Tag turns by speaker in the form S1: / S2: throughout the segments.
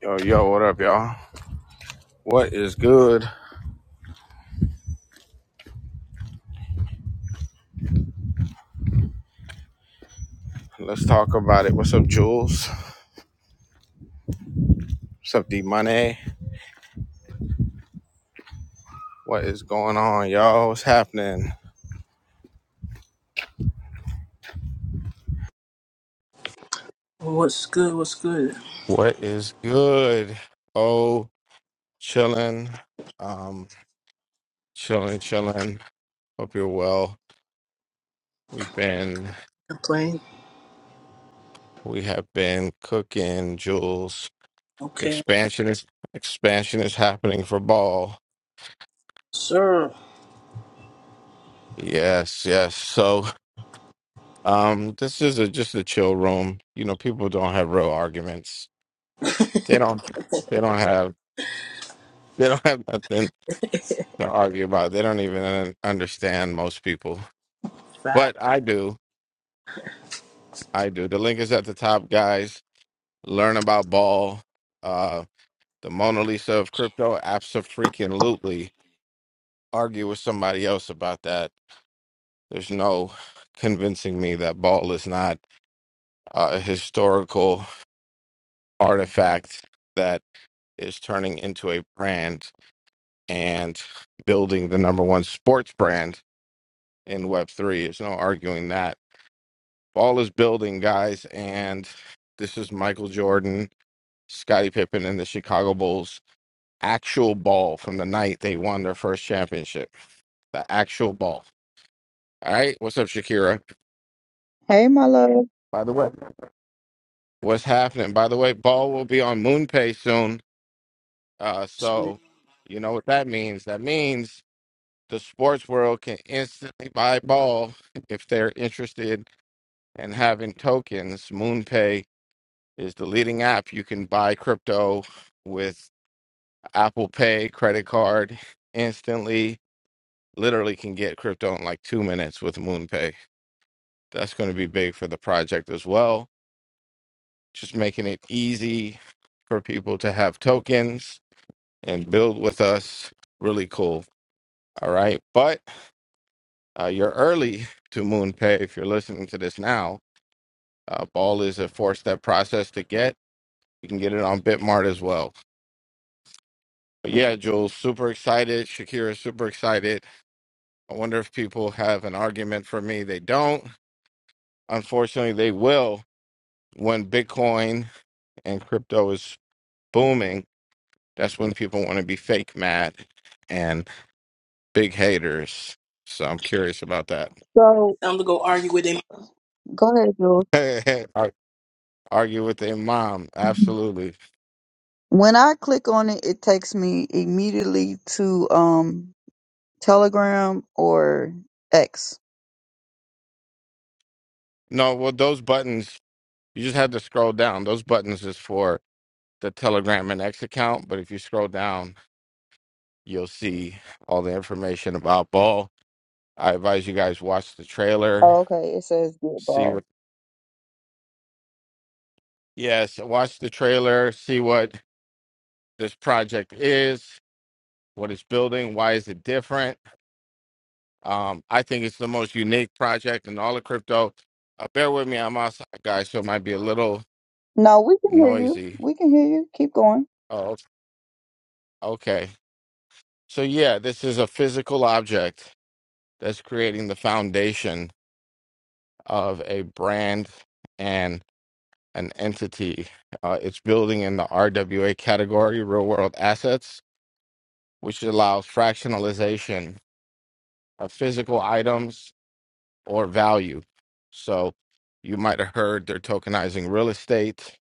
S1: Yo, yo, what up, y'all? What is good? Let's talk about it. What's up, Jules? What's up, D Money? What is going on, y'all? What's happening?
S2: Well, What's good? What's good?
S1: What is good? Oh, chilling. Um, chilling, chilling. Hope you're well. We've been,
S2: You Playing?
S1: we have been cooking, Jules.
S2: Okay,
S1: Expansion is, expansion is happening for ball.
S2: sir.
S1: Yes, yes. So, um, this is a, just a chill room. You know, people don't have real arguments They don't. They don't have. They don't have nothing to argue about. They don't even uh, understand most people.
S2: Fat.
S1: But I do. I do. The link is at the top, guys. Learn about ball. Uh, the Mona Lisa of crypto. Absolutely. Argue with somebody else about that. There's no convincing me that ball is not uh, a historical artifact that is turning into a brand and building the number one sports brand in Web3. There's no arguing that. Ball is building, guys. And this is Michael Jordan, Scottie Pippen, and the Chicago Bulls' actual ball from the night they won their first championship. The actual ball. All right. What's up, Shakira?
S3: Hey, my love.
S1: By the way, what's happening? By the way, ball will be on MoonPay soon. Uh,
S2: Sweet.
S1: so you know what that means. That means the sports world can instantly buy ball if they're interested in having tokens, MoonPay is the leading app. You can buy crypto with Apple Pay credit card instantly. Literally can get crypto in like two minutes with MoonPay. That's going to be big for the project as well. Just making it easy for people to have tokens and build with us. Really cool. All right. But uh, you're early to MoonPay if you're listening to this now. Uh, Ball is a four step process to get. You can get it on Bitmart as well. Yeah, Jules, super excited. Shakira, super excited. I wonder if people have an argument for me. They don't. Unfortunately, they will when Bitcoin and crypto is booming. That's when people want to be fake mad and big haters. So I'm curious about that.
S3: So
S2: Time to go argue with him.
S3: go ahead, Jules.
S1: Ar- Argue with their mom. Absolutely.
S3: When I click on it, it takes me immediately to um Telegram or X.
S1: No, well, those buttons, you just have to scroll down. Those buttons is for the Telegram and X account. But if you scroll down, You'll see all the information about Ball. I advise you guys watch the trailer,
S3: Oh, okay. It says get
S1: see
S3: ball.
S1: what yes, watch the trailer, see what this project is, what it's building, why is it different. Um, I think it's the most unique project in all of crypto. Uh, bear with me, I'm outside, guys, so it might be a little
S3: No, we can hear you.
S1: noisy.
S3: We can hear you. Keep going.
S1: Oh, okay. So yeah, this is a physical object that's creating the foundation of a brand and. an entity. Uh, it's building in the RWA category, real world assets, which allows fractionalization of physical items or value. So you might have heard they're tokenizing real estate,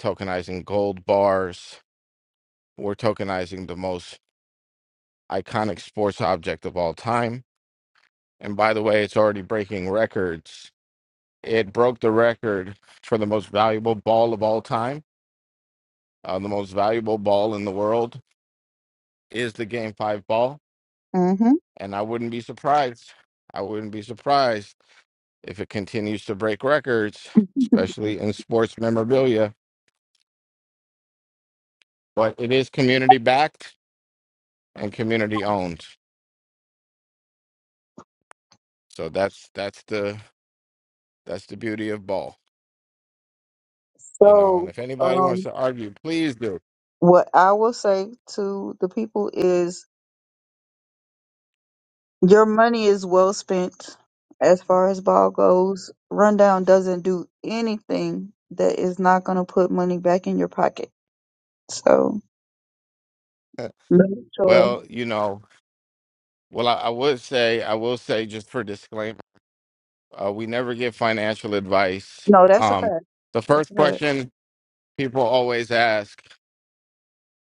S1: tokenizing gold bars, we're tokenizing the most iconic sports object of all time. And by the way, it's already breaking records. It broke the record for the most valuable ball of all time, uh, the most valuable ball in the world is the game five ball.
S3: Mm-hmm.
S1: And I wouldn't be surprised. I wouldn't be surprised if it continues to break records, especially in sports memorabilia. But it is community backed and community owned. So that's that's the that's the beauty of ball, you know. And
S3: So,
S1: if anybody wants
S3: um,
S1: to argue, please do.
S3: what I will say to the people is your money is well spent as far as ball goes. Rundown doesn't do anything that is not going to put money back in your pocket. So no, choice.
S1: Well, you know, well I, I would say I will say just for disclaimer, uh, we never give financial advice.
S3: No, that's a
S1: Um,
S3: fact.
S1: the
S3: That's
S1: first
S3: a fact.
S1: question people always ask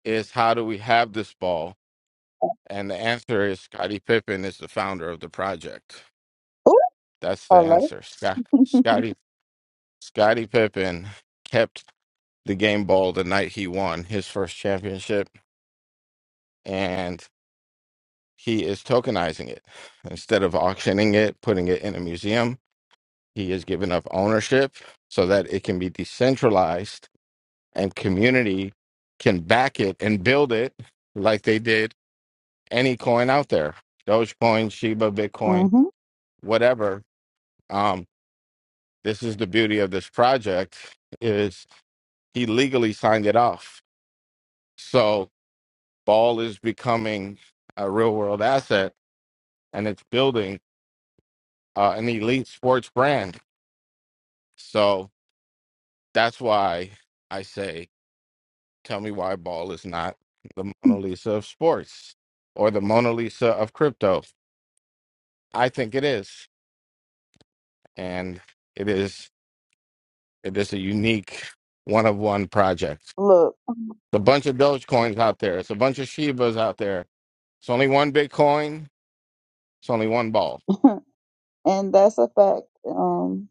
S1: is how do we have this ball? And the answer is Scottie Pippen is the founder of the project.
S3: Ooh,
S1: That's the
S3: hello.
S1: answer. Scott, Scottie Scottie Pippen kept the game ball the night he won his first championship, and he is tokenizing it instead of auctioning it, putting it in a museum. He is giving up ownership so that it can be decentralized and community can back it and build it like they did any coin out there dogecoin shiba bitcoin
S3: mm-hmm.
S1: whatever um this is the beauty of this project is he legally signed it off so ball is becoming a real world asset and it's building uh, an elite sports brand so that's why i say tell me why ball is not the mona lisa of sports or the mona lisa of crypto i think it is and it is It is a unique one of one project. It's
S3: Look,
S1: a bunch of Dogecoins out there. It's a bunch of Shibas out there. It's only one Bitcoin. It's only one ball.
S3: and that's a fact. Um,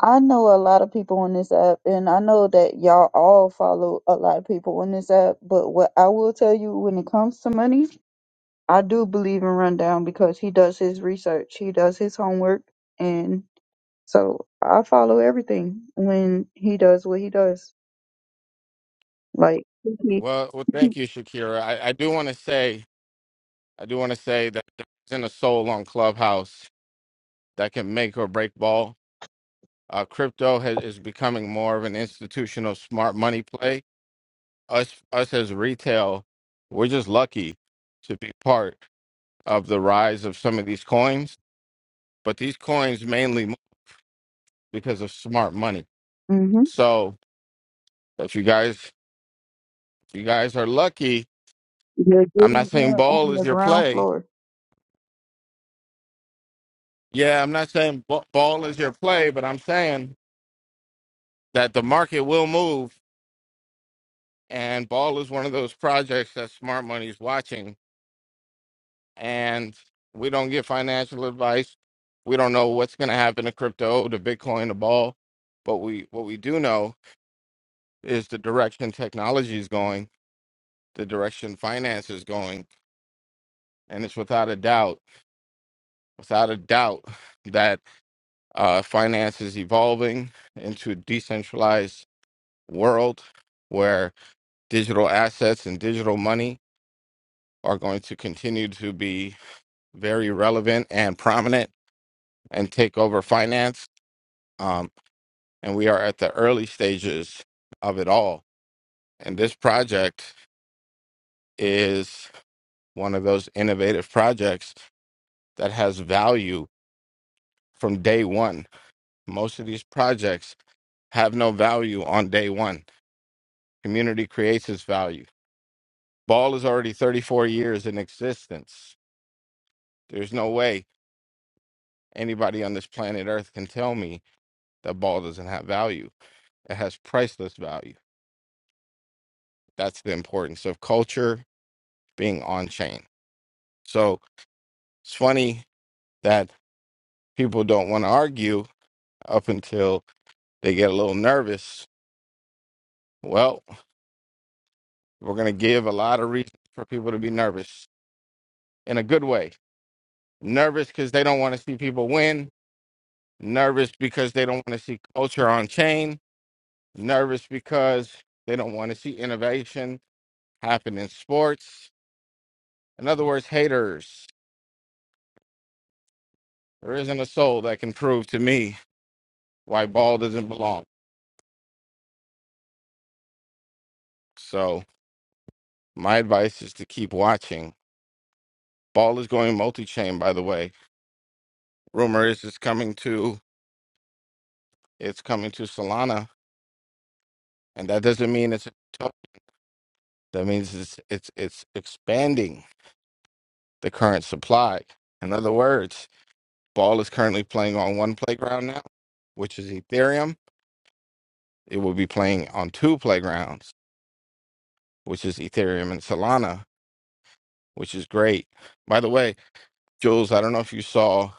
S3: I know a lot of people on this app, and I know that y'all all follow a lot of people on this app. But what I will tell you, when it comes to money, I do believe in Rundown because he does his research, he does his homework, and so I follow everything when he does what he does. Like
S1: Well, well thank you, Shakira. I, I do want to say, I do want to say that there's in a soul on Clubhouse that can make or break ball. Uh, crypto has, is becoming more of an institutional smart money play. Us, us as retail, we're just lucky to be part of the rise of some of these coins. But these coins mainly because of smart money.
S3: hmm
S1: So if you guys if you guys are lucky,
S3: You're
S1: I'm not
S3: getting
S1: saying
S3: in
S1: ball
S3: on
S1: is
S3: the
S1: your
S3: ground
S1: play.
S3: floor.
S1: Yeah, I'm not saying b- ball is your play, but I'm saying that the market will move, and ball is one of those projects that smart money is watching. And we don't give financial advice. We don't know what's going to happen to crypto, to Bitcoin, to ball. But we what we do know is the direction technology is going, the direction finance is going, and it's without a doubt without a doubt that uh, finance is evolving into a decentralized world where digital assets and digital money are going to continue to be very relevant and prominent and take over finance. Um, and we are at the early stages of it all. And this project is one of those innovative projects that has value from day one. Most of these projects have no value on day one Community creates its value. Ball is already 34 years in existence. There's no way anybody on this planet Earth can tell me that ball doesn't have value. It has priceless value. That's the importance of culture being on chain. So it's funny that people don't want to argue up until they get a little nervous. Well, we're going to give a lot of reasons for people to be nervous in a good way. Nervous because they don't want to see people win nervous because they don't want to see culture on chain, nervous because they don't want to see innovation happen in sports. In other words, haters. There isn't a soul that can prove to me why ball doesn't belong. So my advice is to keep watching. Ball is going multi-chain, by the way. Rumor is it's coming to it's coming to Solana, and that doesn't mean it's a token. that means it's it's it's expanding the current supply. In other words, Ball is currently playing on one playground now, which is Ethereum. It will be playing on two playgrounds, which is Ethereum and Solana, which is great. By the way, Jules, I don't know if you saw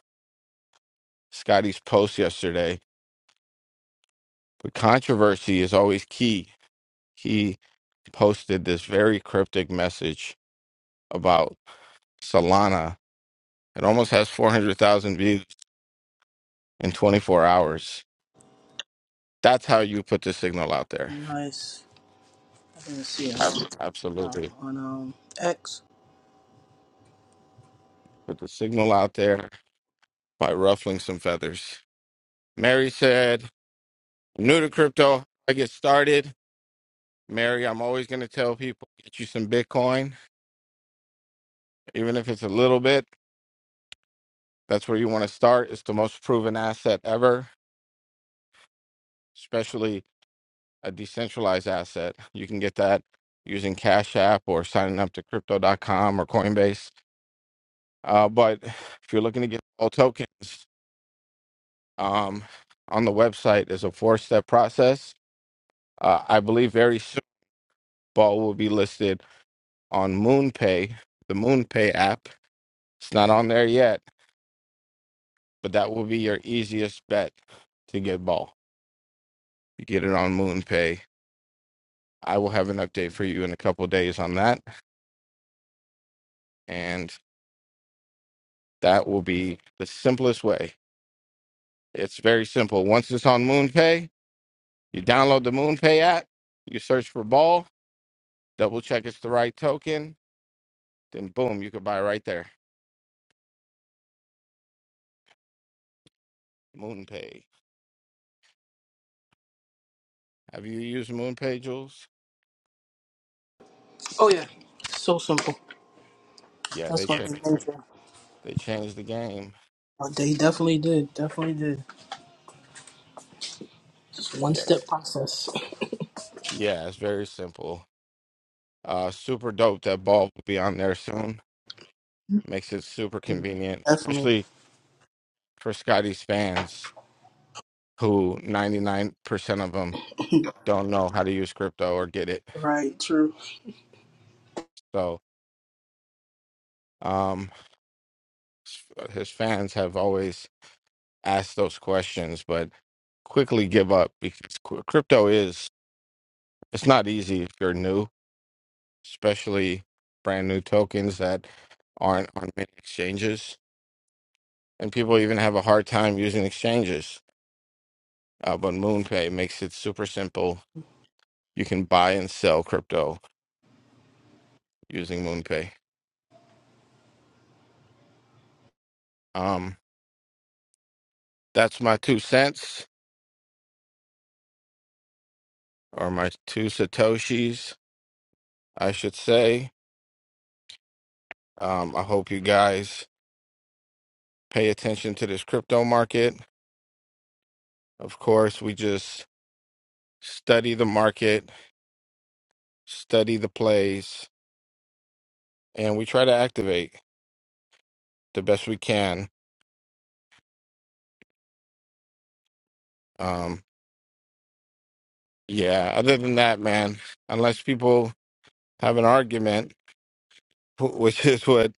S1: Scotty's post yesterday, but controversy is always key. He posted this very cryptic message about Solana. It almost has 400,000 views in 24 hours. That's how you put the signal out there.
S2: Nice. I didn't see him now
S1: Absolutely.
S2: on um X.
S1: Put the signal out there by ruffling some feathers. Mary said, I'm new to crypto. I get started. Mary, I'm always going to tell people get you some Bitcoin, even if it's a little bit. That's where you want to start. It's the most proven asset ever, especially a decentralized asset. You can get that using Cash App or signing up to crypto.com or Coinbase. Uh, but if you're looking to get all tokens, um, on the website is a four step process. Uh, I believe very soon, Ball will be listed on MoonPay, the MoonPay app. It's not on there yet, but that will be your easiest bet to get ball. You get it on MoonPay. I will have an update for you in a couple of days on that, and that will be the simplest way. It's very simple. Once it's on MoonPay, you download the MoonPay app, you search for ball, double check it's the right token, then boom, you could buy right there. MoonPay. Have you used MoonPay, Jules?
S2: Oh yeah. So simple.
S1: Yeah, they
S2: That's what they
S1: changed.
S2: made for.
S1: They changed the game.
S2: They definitely did. Definitely did. Just one
S1: Yes.
S2: step process.
S1: Yeah, it's very simple. Uh, super dope that Ball will be on there soon. Makes it super convenient,
S2: Definitely.
S1: especially for Scotty's fans, who 99% of them don't know how to use crypto or get it.
S2: Right. True.
S1: So um, s- uh, his fans have always asked those questions, but quickly give up because cr- crypto is, it's not easy if you're new, especially brand new tokens that aren't on many exchanges. And people even have a hard time using exchanges Uh, but MoonPay makes it super simple. You can buy and sell crypto using MoonPay. Um, that's my two cents or my two satoshis, I should say. Um, I hope you guys pay attention to this crypto market. Of course, we just study the market, study the plays, and we try to activate the best we can. Um, yeah. Other than that, man, unless people have an argument, wh- which is what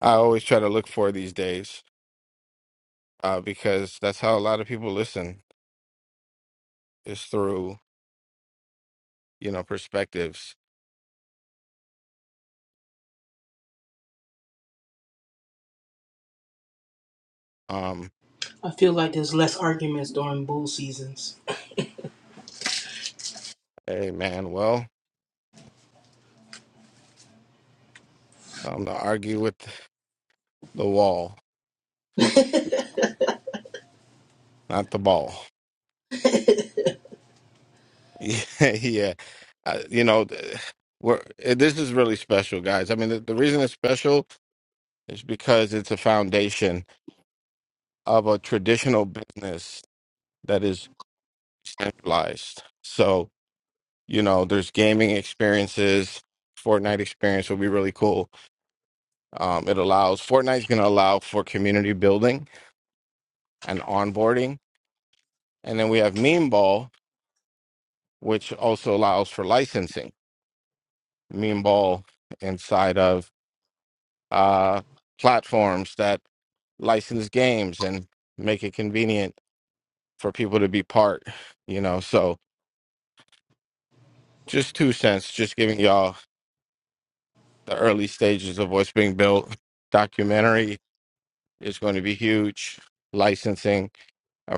S1: I always try to look for these days uh, because that's how a lot of people listen is through you know perspectives. Um,
S2: I feel like there's less arguments during bull seasons.
S1: hey man, well, I'm time to argue with the wall, not the ball. Yeah, yeah. Uh, you know, th- we're eh, this is really special, guys. I mean, the, the reason it's special is because it's a foundation of a traditional business that is centralized. So you know, there's gaming experiences. Fortnite experience would be really cool Um, it allows Fortnite's going to allow for community building and onboarding, and then we have Meme Ball, which also allows for licensing. Meme Ball inside of uh, platforms that license games and make it convenient for people to be part. You know, so just two cents, just giving y'all the early stages of what's being built. Documentary is going to be huge. Licensing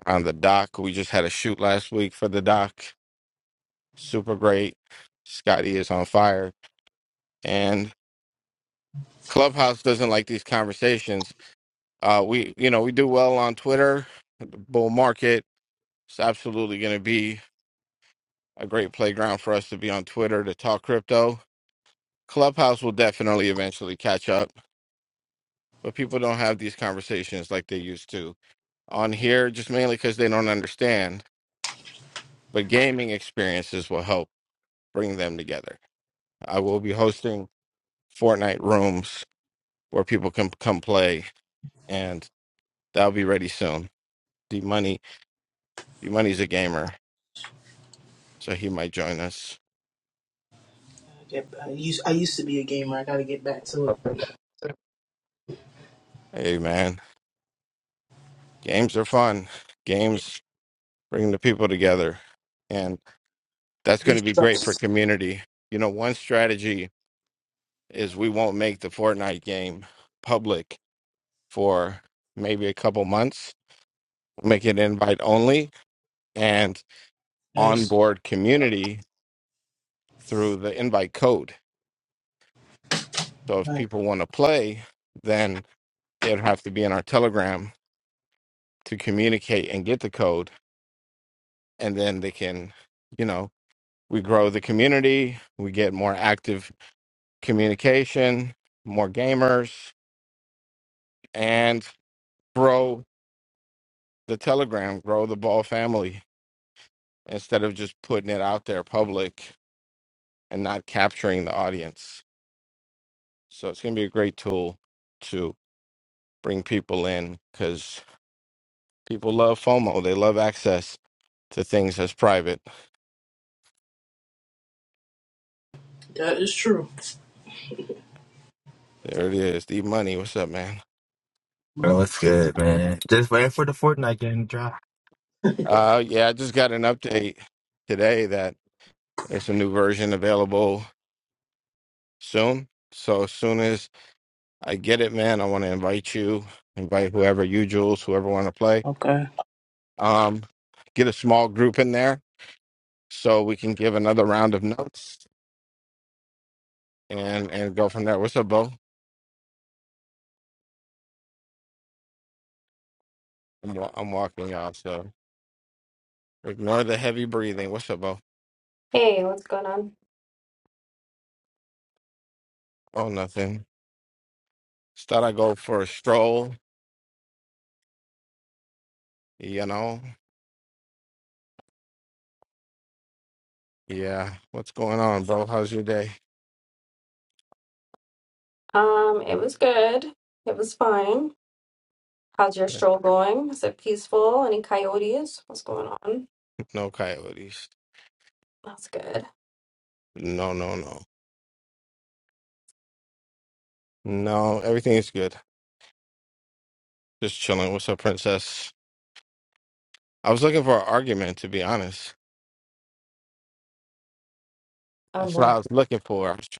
S1: around the doc. We just had a shoot last week for the doc super great. Scotty is on fire, and Clubhouse doesn't like these conversations. Uh, we, you know, we do well on Twitter. The bull market It's absolutely going to be a great playground for us to be on Twitter to talk crypto. Clubhouse will definitely eventually catch up, but people don't have these conversations like they used to on here, just mainly because they don't understand. But gaming experiences will help bring them together. I will be hosting Fortnite rooms where people can come play and that'll be ready soon. D Money, D Money's a gamer, so he might join us.
S2: I get. I used. I used to be a gamer. I got to get back to
S1: Hey man, games are fun.
S2: it.
S1: Games bring the people together, and that's going
S2: Be
S1: to be great for
S2: stressed.
S1: community. You know, one strategy is we won't make the Fortnite game public for maybe a couple months. Make it invite only and
S2: Nice.
S1: onboard community through the invite code. So if
S2: Nice.
S1: people want to play, then they'd have to be in our Telegram to communicate and get the code and then they can you know we grow the community we get more active communication more gamers and grow the telegram grow the ball family instead of just putting it out there public and not capturing the audience so it's going to be a great tool to bring people in because people love fomo they love access to things that's private
S2: That is true.
S1: there it is the money what's up man
S4: Bro,
S2: Mother-
S4: what's good, man? Just waiting for the Fortnite game to drop.
S1: Uh, yeah, I just got an update today that there's a new version available soon. So as soon as I get it, man, I want to invite you, invite whoever you, Jules, whoever want to play.
S2: Okay.
S1: Um, get a small group in there so we can give another round of notes and and go from there. What's up, Bo? I'm, wa- I'm walking y'all, so ignore the heavy breathing. What's up, Bo?
S5: Hey, what's going on?
S1: Oh, nothing. Just thought I go for a stroll. You know, yeah. What's going on, Bo? How's your day?
S5: Um, it was good. It was fine. How's your stroll going? Is it peaceful? Any coyotes? What's going on?
S1: No coyotes.
S5: That's good.
S1: No, no, no. No, everything's good. Just chilling. What's up, princess? I was looking for an argument, to be honest.
S5: On
S1: That's what I
S5: what?
S1: was looking for. I was trying to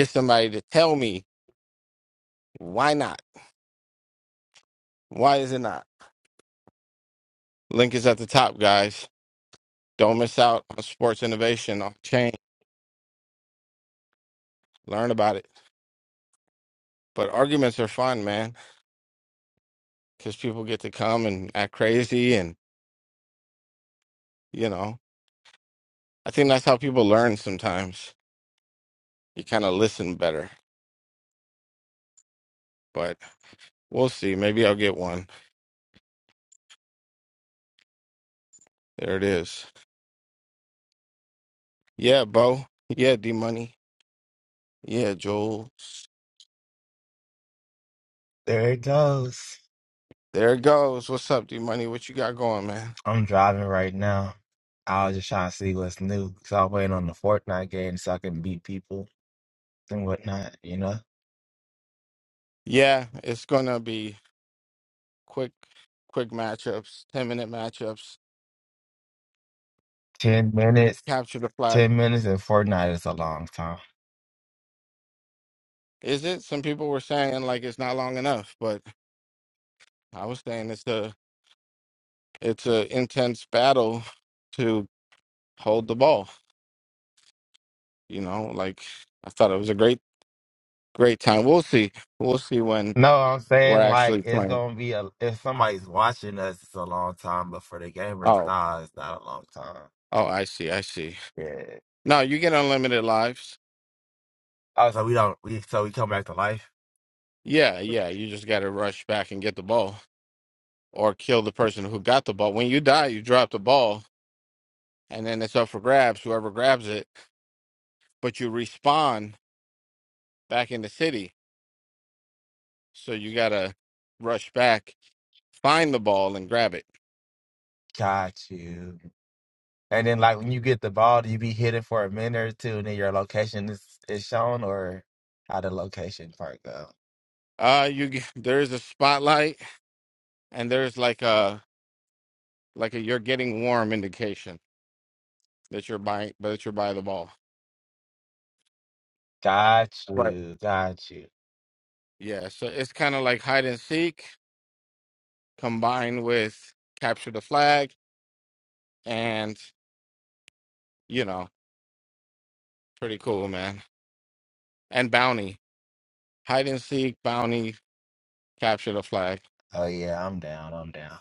S1: get somebody to tell me why not? Why is it not? Link is at the top, guys. Don't miss out on sports innovation on chain. Learn about it. But arguments are fun, man, because people get to come and act crazy. And, you know, I think that's how people learn sometimes. You kind of listen better. But we'll see. Maybe I'll get one. There it is. Yeah, Bo. Yeah, D Money. Yeah, Jules.
S4: There it goes.
S1: There it goes. What's up, D Money? What you got going, man?
S4: I'm driving right now. I was just trying to see what's new because I'm waiting on the Fortnite game so I can beat people and whatnot, you know?
S1: Yeah, it's gonna be quick, quick matchups, ten minute matchups.
S4: 10 minutes,
S1: Capture the flag.
S4: 10 minutes in Fortnite is a long time.
S1: Is it? Some people were saying like it's not long enough, but I was saying it's a it's a intense battle to hold the ball. You know, like I thought it was a great great time. We'll see. We'll see when
S4: No, I'm
S1: we're
S4: saying like
S1: actually
S4: it's
S1: playing.
S4: gonna be a if somebody's watching us, it's a long time, but for the gamers,
S1: Oh,
S4: nah, it's not a long time.
S1: oh, I see. I see.
S4: Yeah.
S1: No, you get unlimited lives.
S4: Oh, so we don't we so we come back to life?
S1: Yeah, yeah. You just got to rush back and get the ball or kill the person who got the ball. When you die, you drop the ball and then it's up for grabs, whoever grabs it. But you respawn back in the city. So you got to rush back, find the ball and grab it.
S4: Got you. And then, like when you get the ball, do you be hitting for a minute or two, and then your location is is shown, or how the location part go?
S1: Uh you g- there's a spotlight and there's like a like a you're getting warm indication that you're by that you're by the ball.
S4: Got
S1: Right.
S4: you, got you.
S1: Yeah, so it's kind of like hide and seek combined with capture the flag and you know pretty cool man and bounty hide and seek bounty capture the flag
S4: Oh yeah, I'm down, I'm down.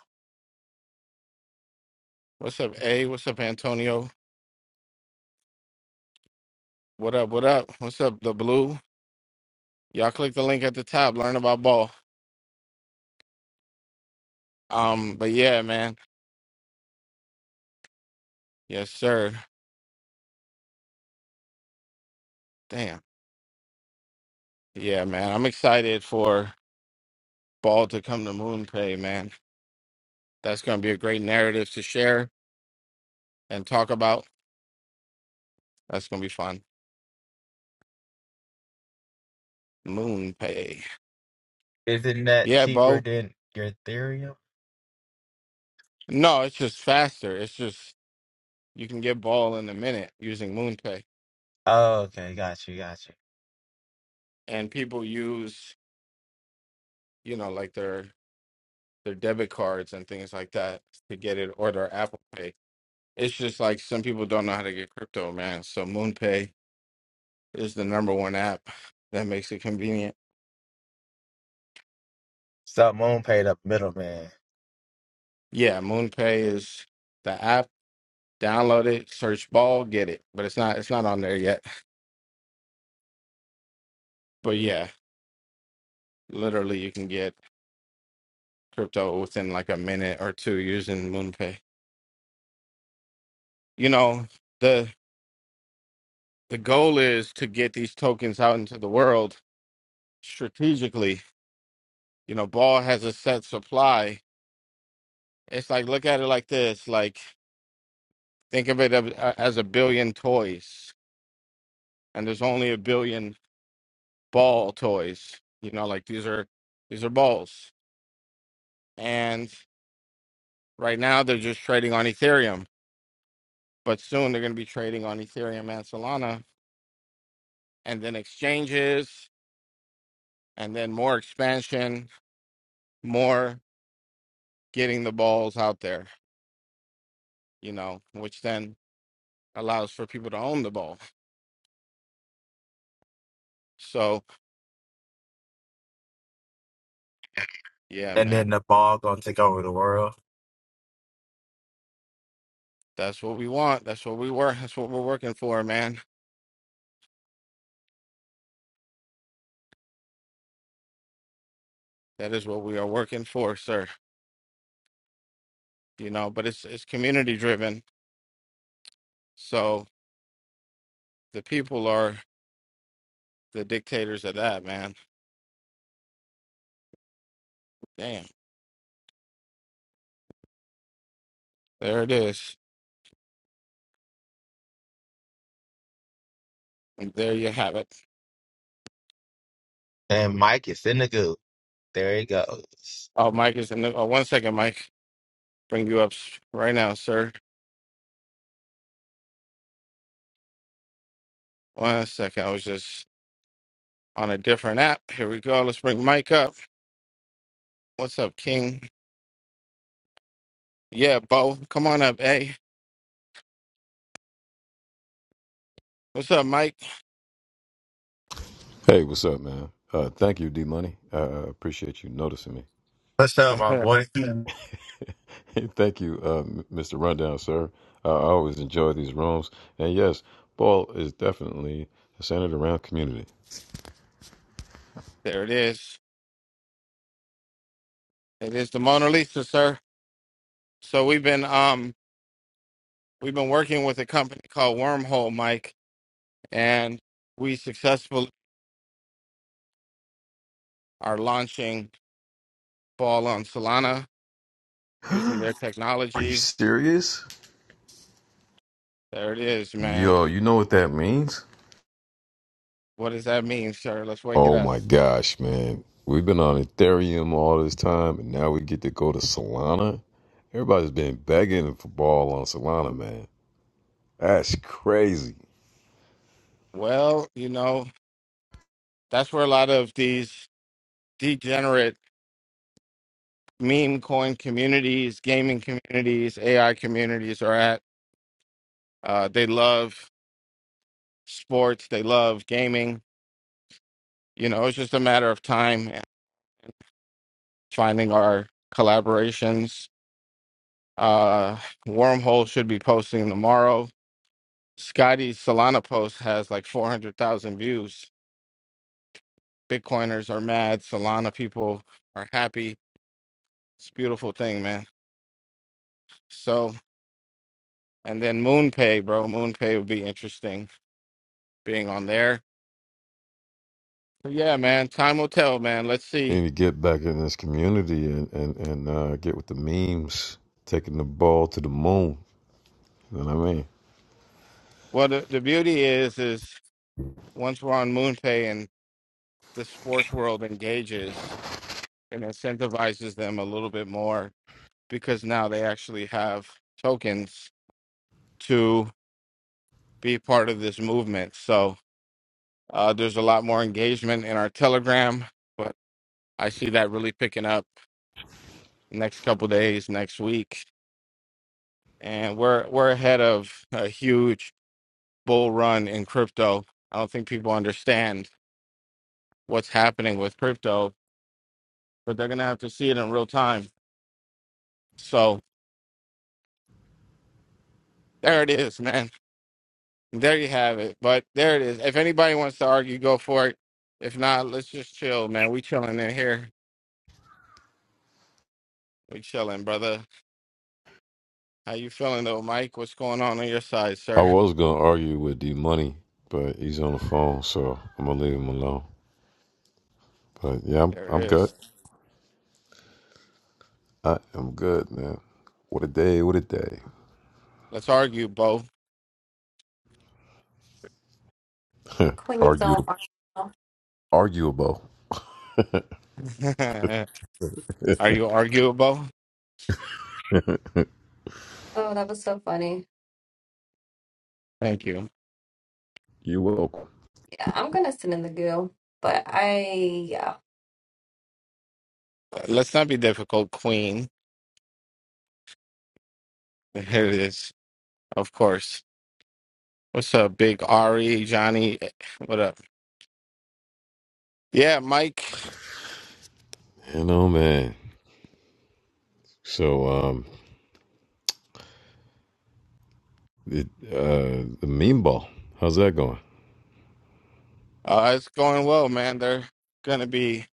S1: what's up a what's up antonio what up what up what's up the blue y'all click the link at the top learn about ball um but yeah man yes sir damn yeah man i'm excited for ball to come to Moonpay, man that's gonna be a great narrative to share and talk about that's gonna be fun Moonpay.
S4: Isn't that
S1: yeah
S4: cheaper
S1: bo
S4: than your Ethereum?
S1: No, it's just faster. It's just you can get ball in a minute using MoonPay,
S4: Oh, okay, got you, got you.
S1: and people use you know like their their debit cards and things like that to get it or their Apple Pay. It's just like some people don't know how to get crypto, man. So MoonPay is the number one app that makes it convenient.
S4: So Moon paid up middleman,
S1: Yeah, MoonPay is the app. Download it, search ball, get it. But it's not it's not on there yet. But yeah, literally you can get crypto within like a minute or two using MoonPay. you know the the goal is to get these tokens out into the world strategically you know ball has a set supply it's like look at it like this like think of it ab- a- as a billion toys and there's only a billion ball toys you know like these are these are balls and right now they're just trading on ethereum but soon they're going to be trading on ethereum and solana and then exchanges and then more expansion more getting the balls out there you know, which then allows for people to own the ball. So, yeah,
S4: and then
S1: man,
S4: the ball gonna take over the world.
S1: that's what we want. That's what we work. That's what we're working for, man. That is what we are working for, sir. You know, but it's it's community driven. So the people are the dictators of that, man. Damn, there it is. And there you have it.
S4: And Mike is in the goo. There he goes.
S1: Oh, Mike is in the. Oh, one second, Mike. Bring you up s- right now, sir. One second. I was just on a different app. Here we go. Let's bring Mike up. What's up, King? Yeah, Bo, come on up, eh? What's up, Mike?
S6: Hey, what's up, man? Uh, thank you, D Money. I uh, appreciate you noticing me.
S4: What's up,
S6: Uh,
S4: my
S1: there
S4: boy?
S6: thank you, uh, M- Mr. Rundown, sir. I I always enjoy these rooms. And yes, Paul is definitely centered around community.
S1: it is. It is the Mona Lisa, sir. So we've been um we've been working with a company called Wormhole, Mike, and we successfully are launching Ball on Solana using their
S6: Are you
S1: technology.
S6: serious?
S1: There it is, man.
S6: Yo, you know what that means?
S1: What does that mean, sir? Let's wake it
S6: Oh
S1: up.
S6: my gosh, man. We've been on Ethereum all this time, and now we get to go to Solana. Everybody's been begging for ball on Solana, man. That's crazy.
S1: Well, you know, that's where a lot of these degenerate meme coin communities, gaming communities, AI communities are at. Uh, they love sports, they love gaming. You know, it's just a matter of time and finding our collaborations. Uh, Wormhole should be posting tomorrow. Scotty's Solana post has like 400,000 views. Bitcoiners are mad. Solana people are happy. It's a beautiful thing, man. So, and then MoonPay, bro. MoonPay would be interesting being on there. But yeah, man. Time will tell, man. Let's
S6: need
S1: see.
S6: to get back in this community and and and uh, get with the memes, taking the ball to the moon. You know what I mean?
S1: Well, the, the beauty is, is once we're on MoonPay and. the sports world engages and incentivizes them a little bit more because now they actually have tokens to be part of this movement. So uh, there's a lot more engagement in our Telegram, but I see that really picking up next couple days, next week, and we're we're ahead of a huge bull run in crypto. I don't think people understand what's happening with crypto, but they're gonna have to see it in real time. So there it is, man There you have it. But there it is. If anybody wants to argue, go for it. If not, let's just chill, man. We chilling in here. We chilling, brother. How you feeling though, Mike? What's going on on your side,
S6: I
S1: sir?
S6: was gonna argue with D Money, but he's on the phone, so I'm gonna leave him alone. But yeah, I'm
S1: There it
S6: I'm good.
S1: is.
S6: I am good, man. What a day! What a day!
S1: Let's argue, Bo.
S5: Queens don't
S6: Arguable, arguable.
S1: Are you arguable?
S5: Oh, that was so funny.
S1: Thank you.
S6: You welcome.
S5: Yeah, I'm gonna sit in the goo, but I
S1: Let's not be difficult, Queen. Here it is. Of course. What's up, Big Ari, Johnny? What up? Yeah, Mike.
S6: You know, man. So um, it, uh, the meme ball. How's that going?
S1: Uh, it's going well, man. They're gonna be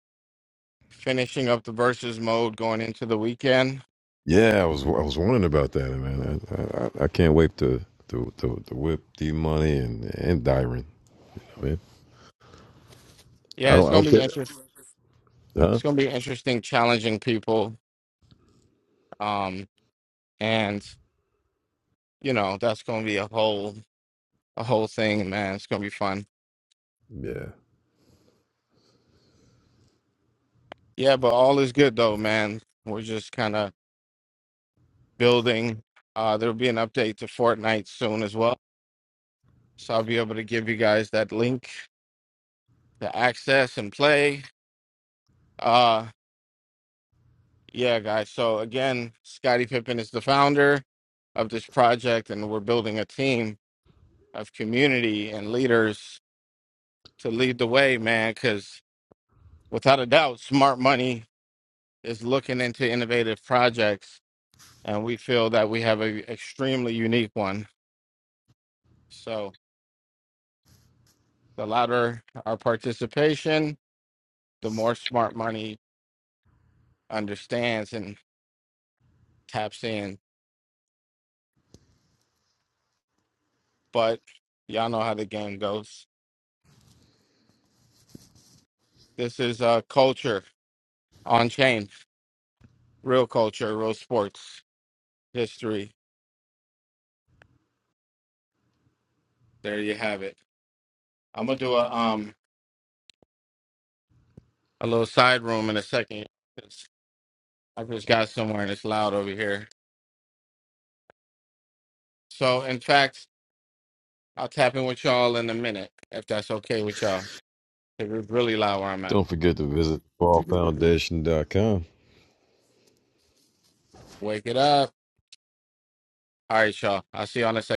S1: finishing up the versus mode going into the weekend
S6: Yeah, I was I was wondering about that, man. I I, I can't wait to to, to to whip D Money and and Dyron. I mean, I
S1: Yeah,
S6: don't
S1: it's
S6: I don't
S1: gonna be
S6: care,
S1: interesting.
S6: huh?
S1: It's gonna be interesting, challenging people, um, and you know that's gonna be a whole a whole thing, man. It's gonna be fun.
S6: Yeah.
S1: Yeah, but all is good though, man. We're just kind of building. Uh, there'll be an update to Fortnite soon as well, so I'll be able to give you guys that link to access and play. Uh, yeah, guys. So again, Scottie Pippen is the founder of this project, and we're building a team of community and leaders to lead the way, man, because without a doubt, smart money is looking into innovative projects, and we feel that we have an extremely unique one. So, the louder our participation, the more smart money understands and taps in. But y'all know how the game goes. This is uh, culture on chain, real culture, real sports history. There you have it. I'm gonna do a um a little side room in a second I just got somewhere and it's loud over here. So, in fact, I'll tap in with y'all in a minute if that's okay with y'all. 'Cause It's really loud where I'm at.
S6: Don't forget to visit ball foundation dot com.
S1: Wake it up. All right, y'all. I'll see y'all in a second.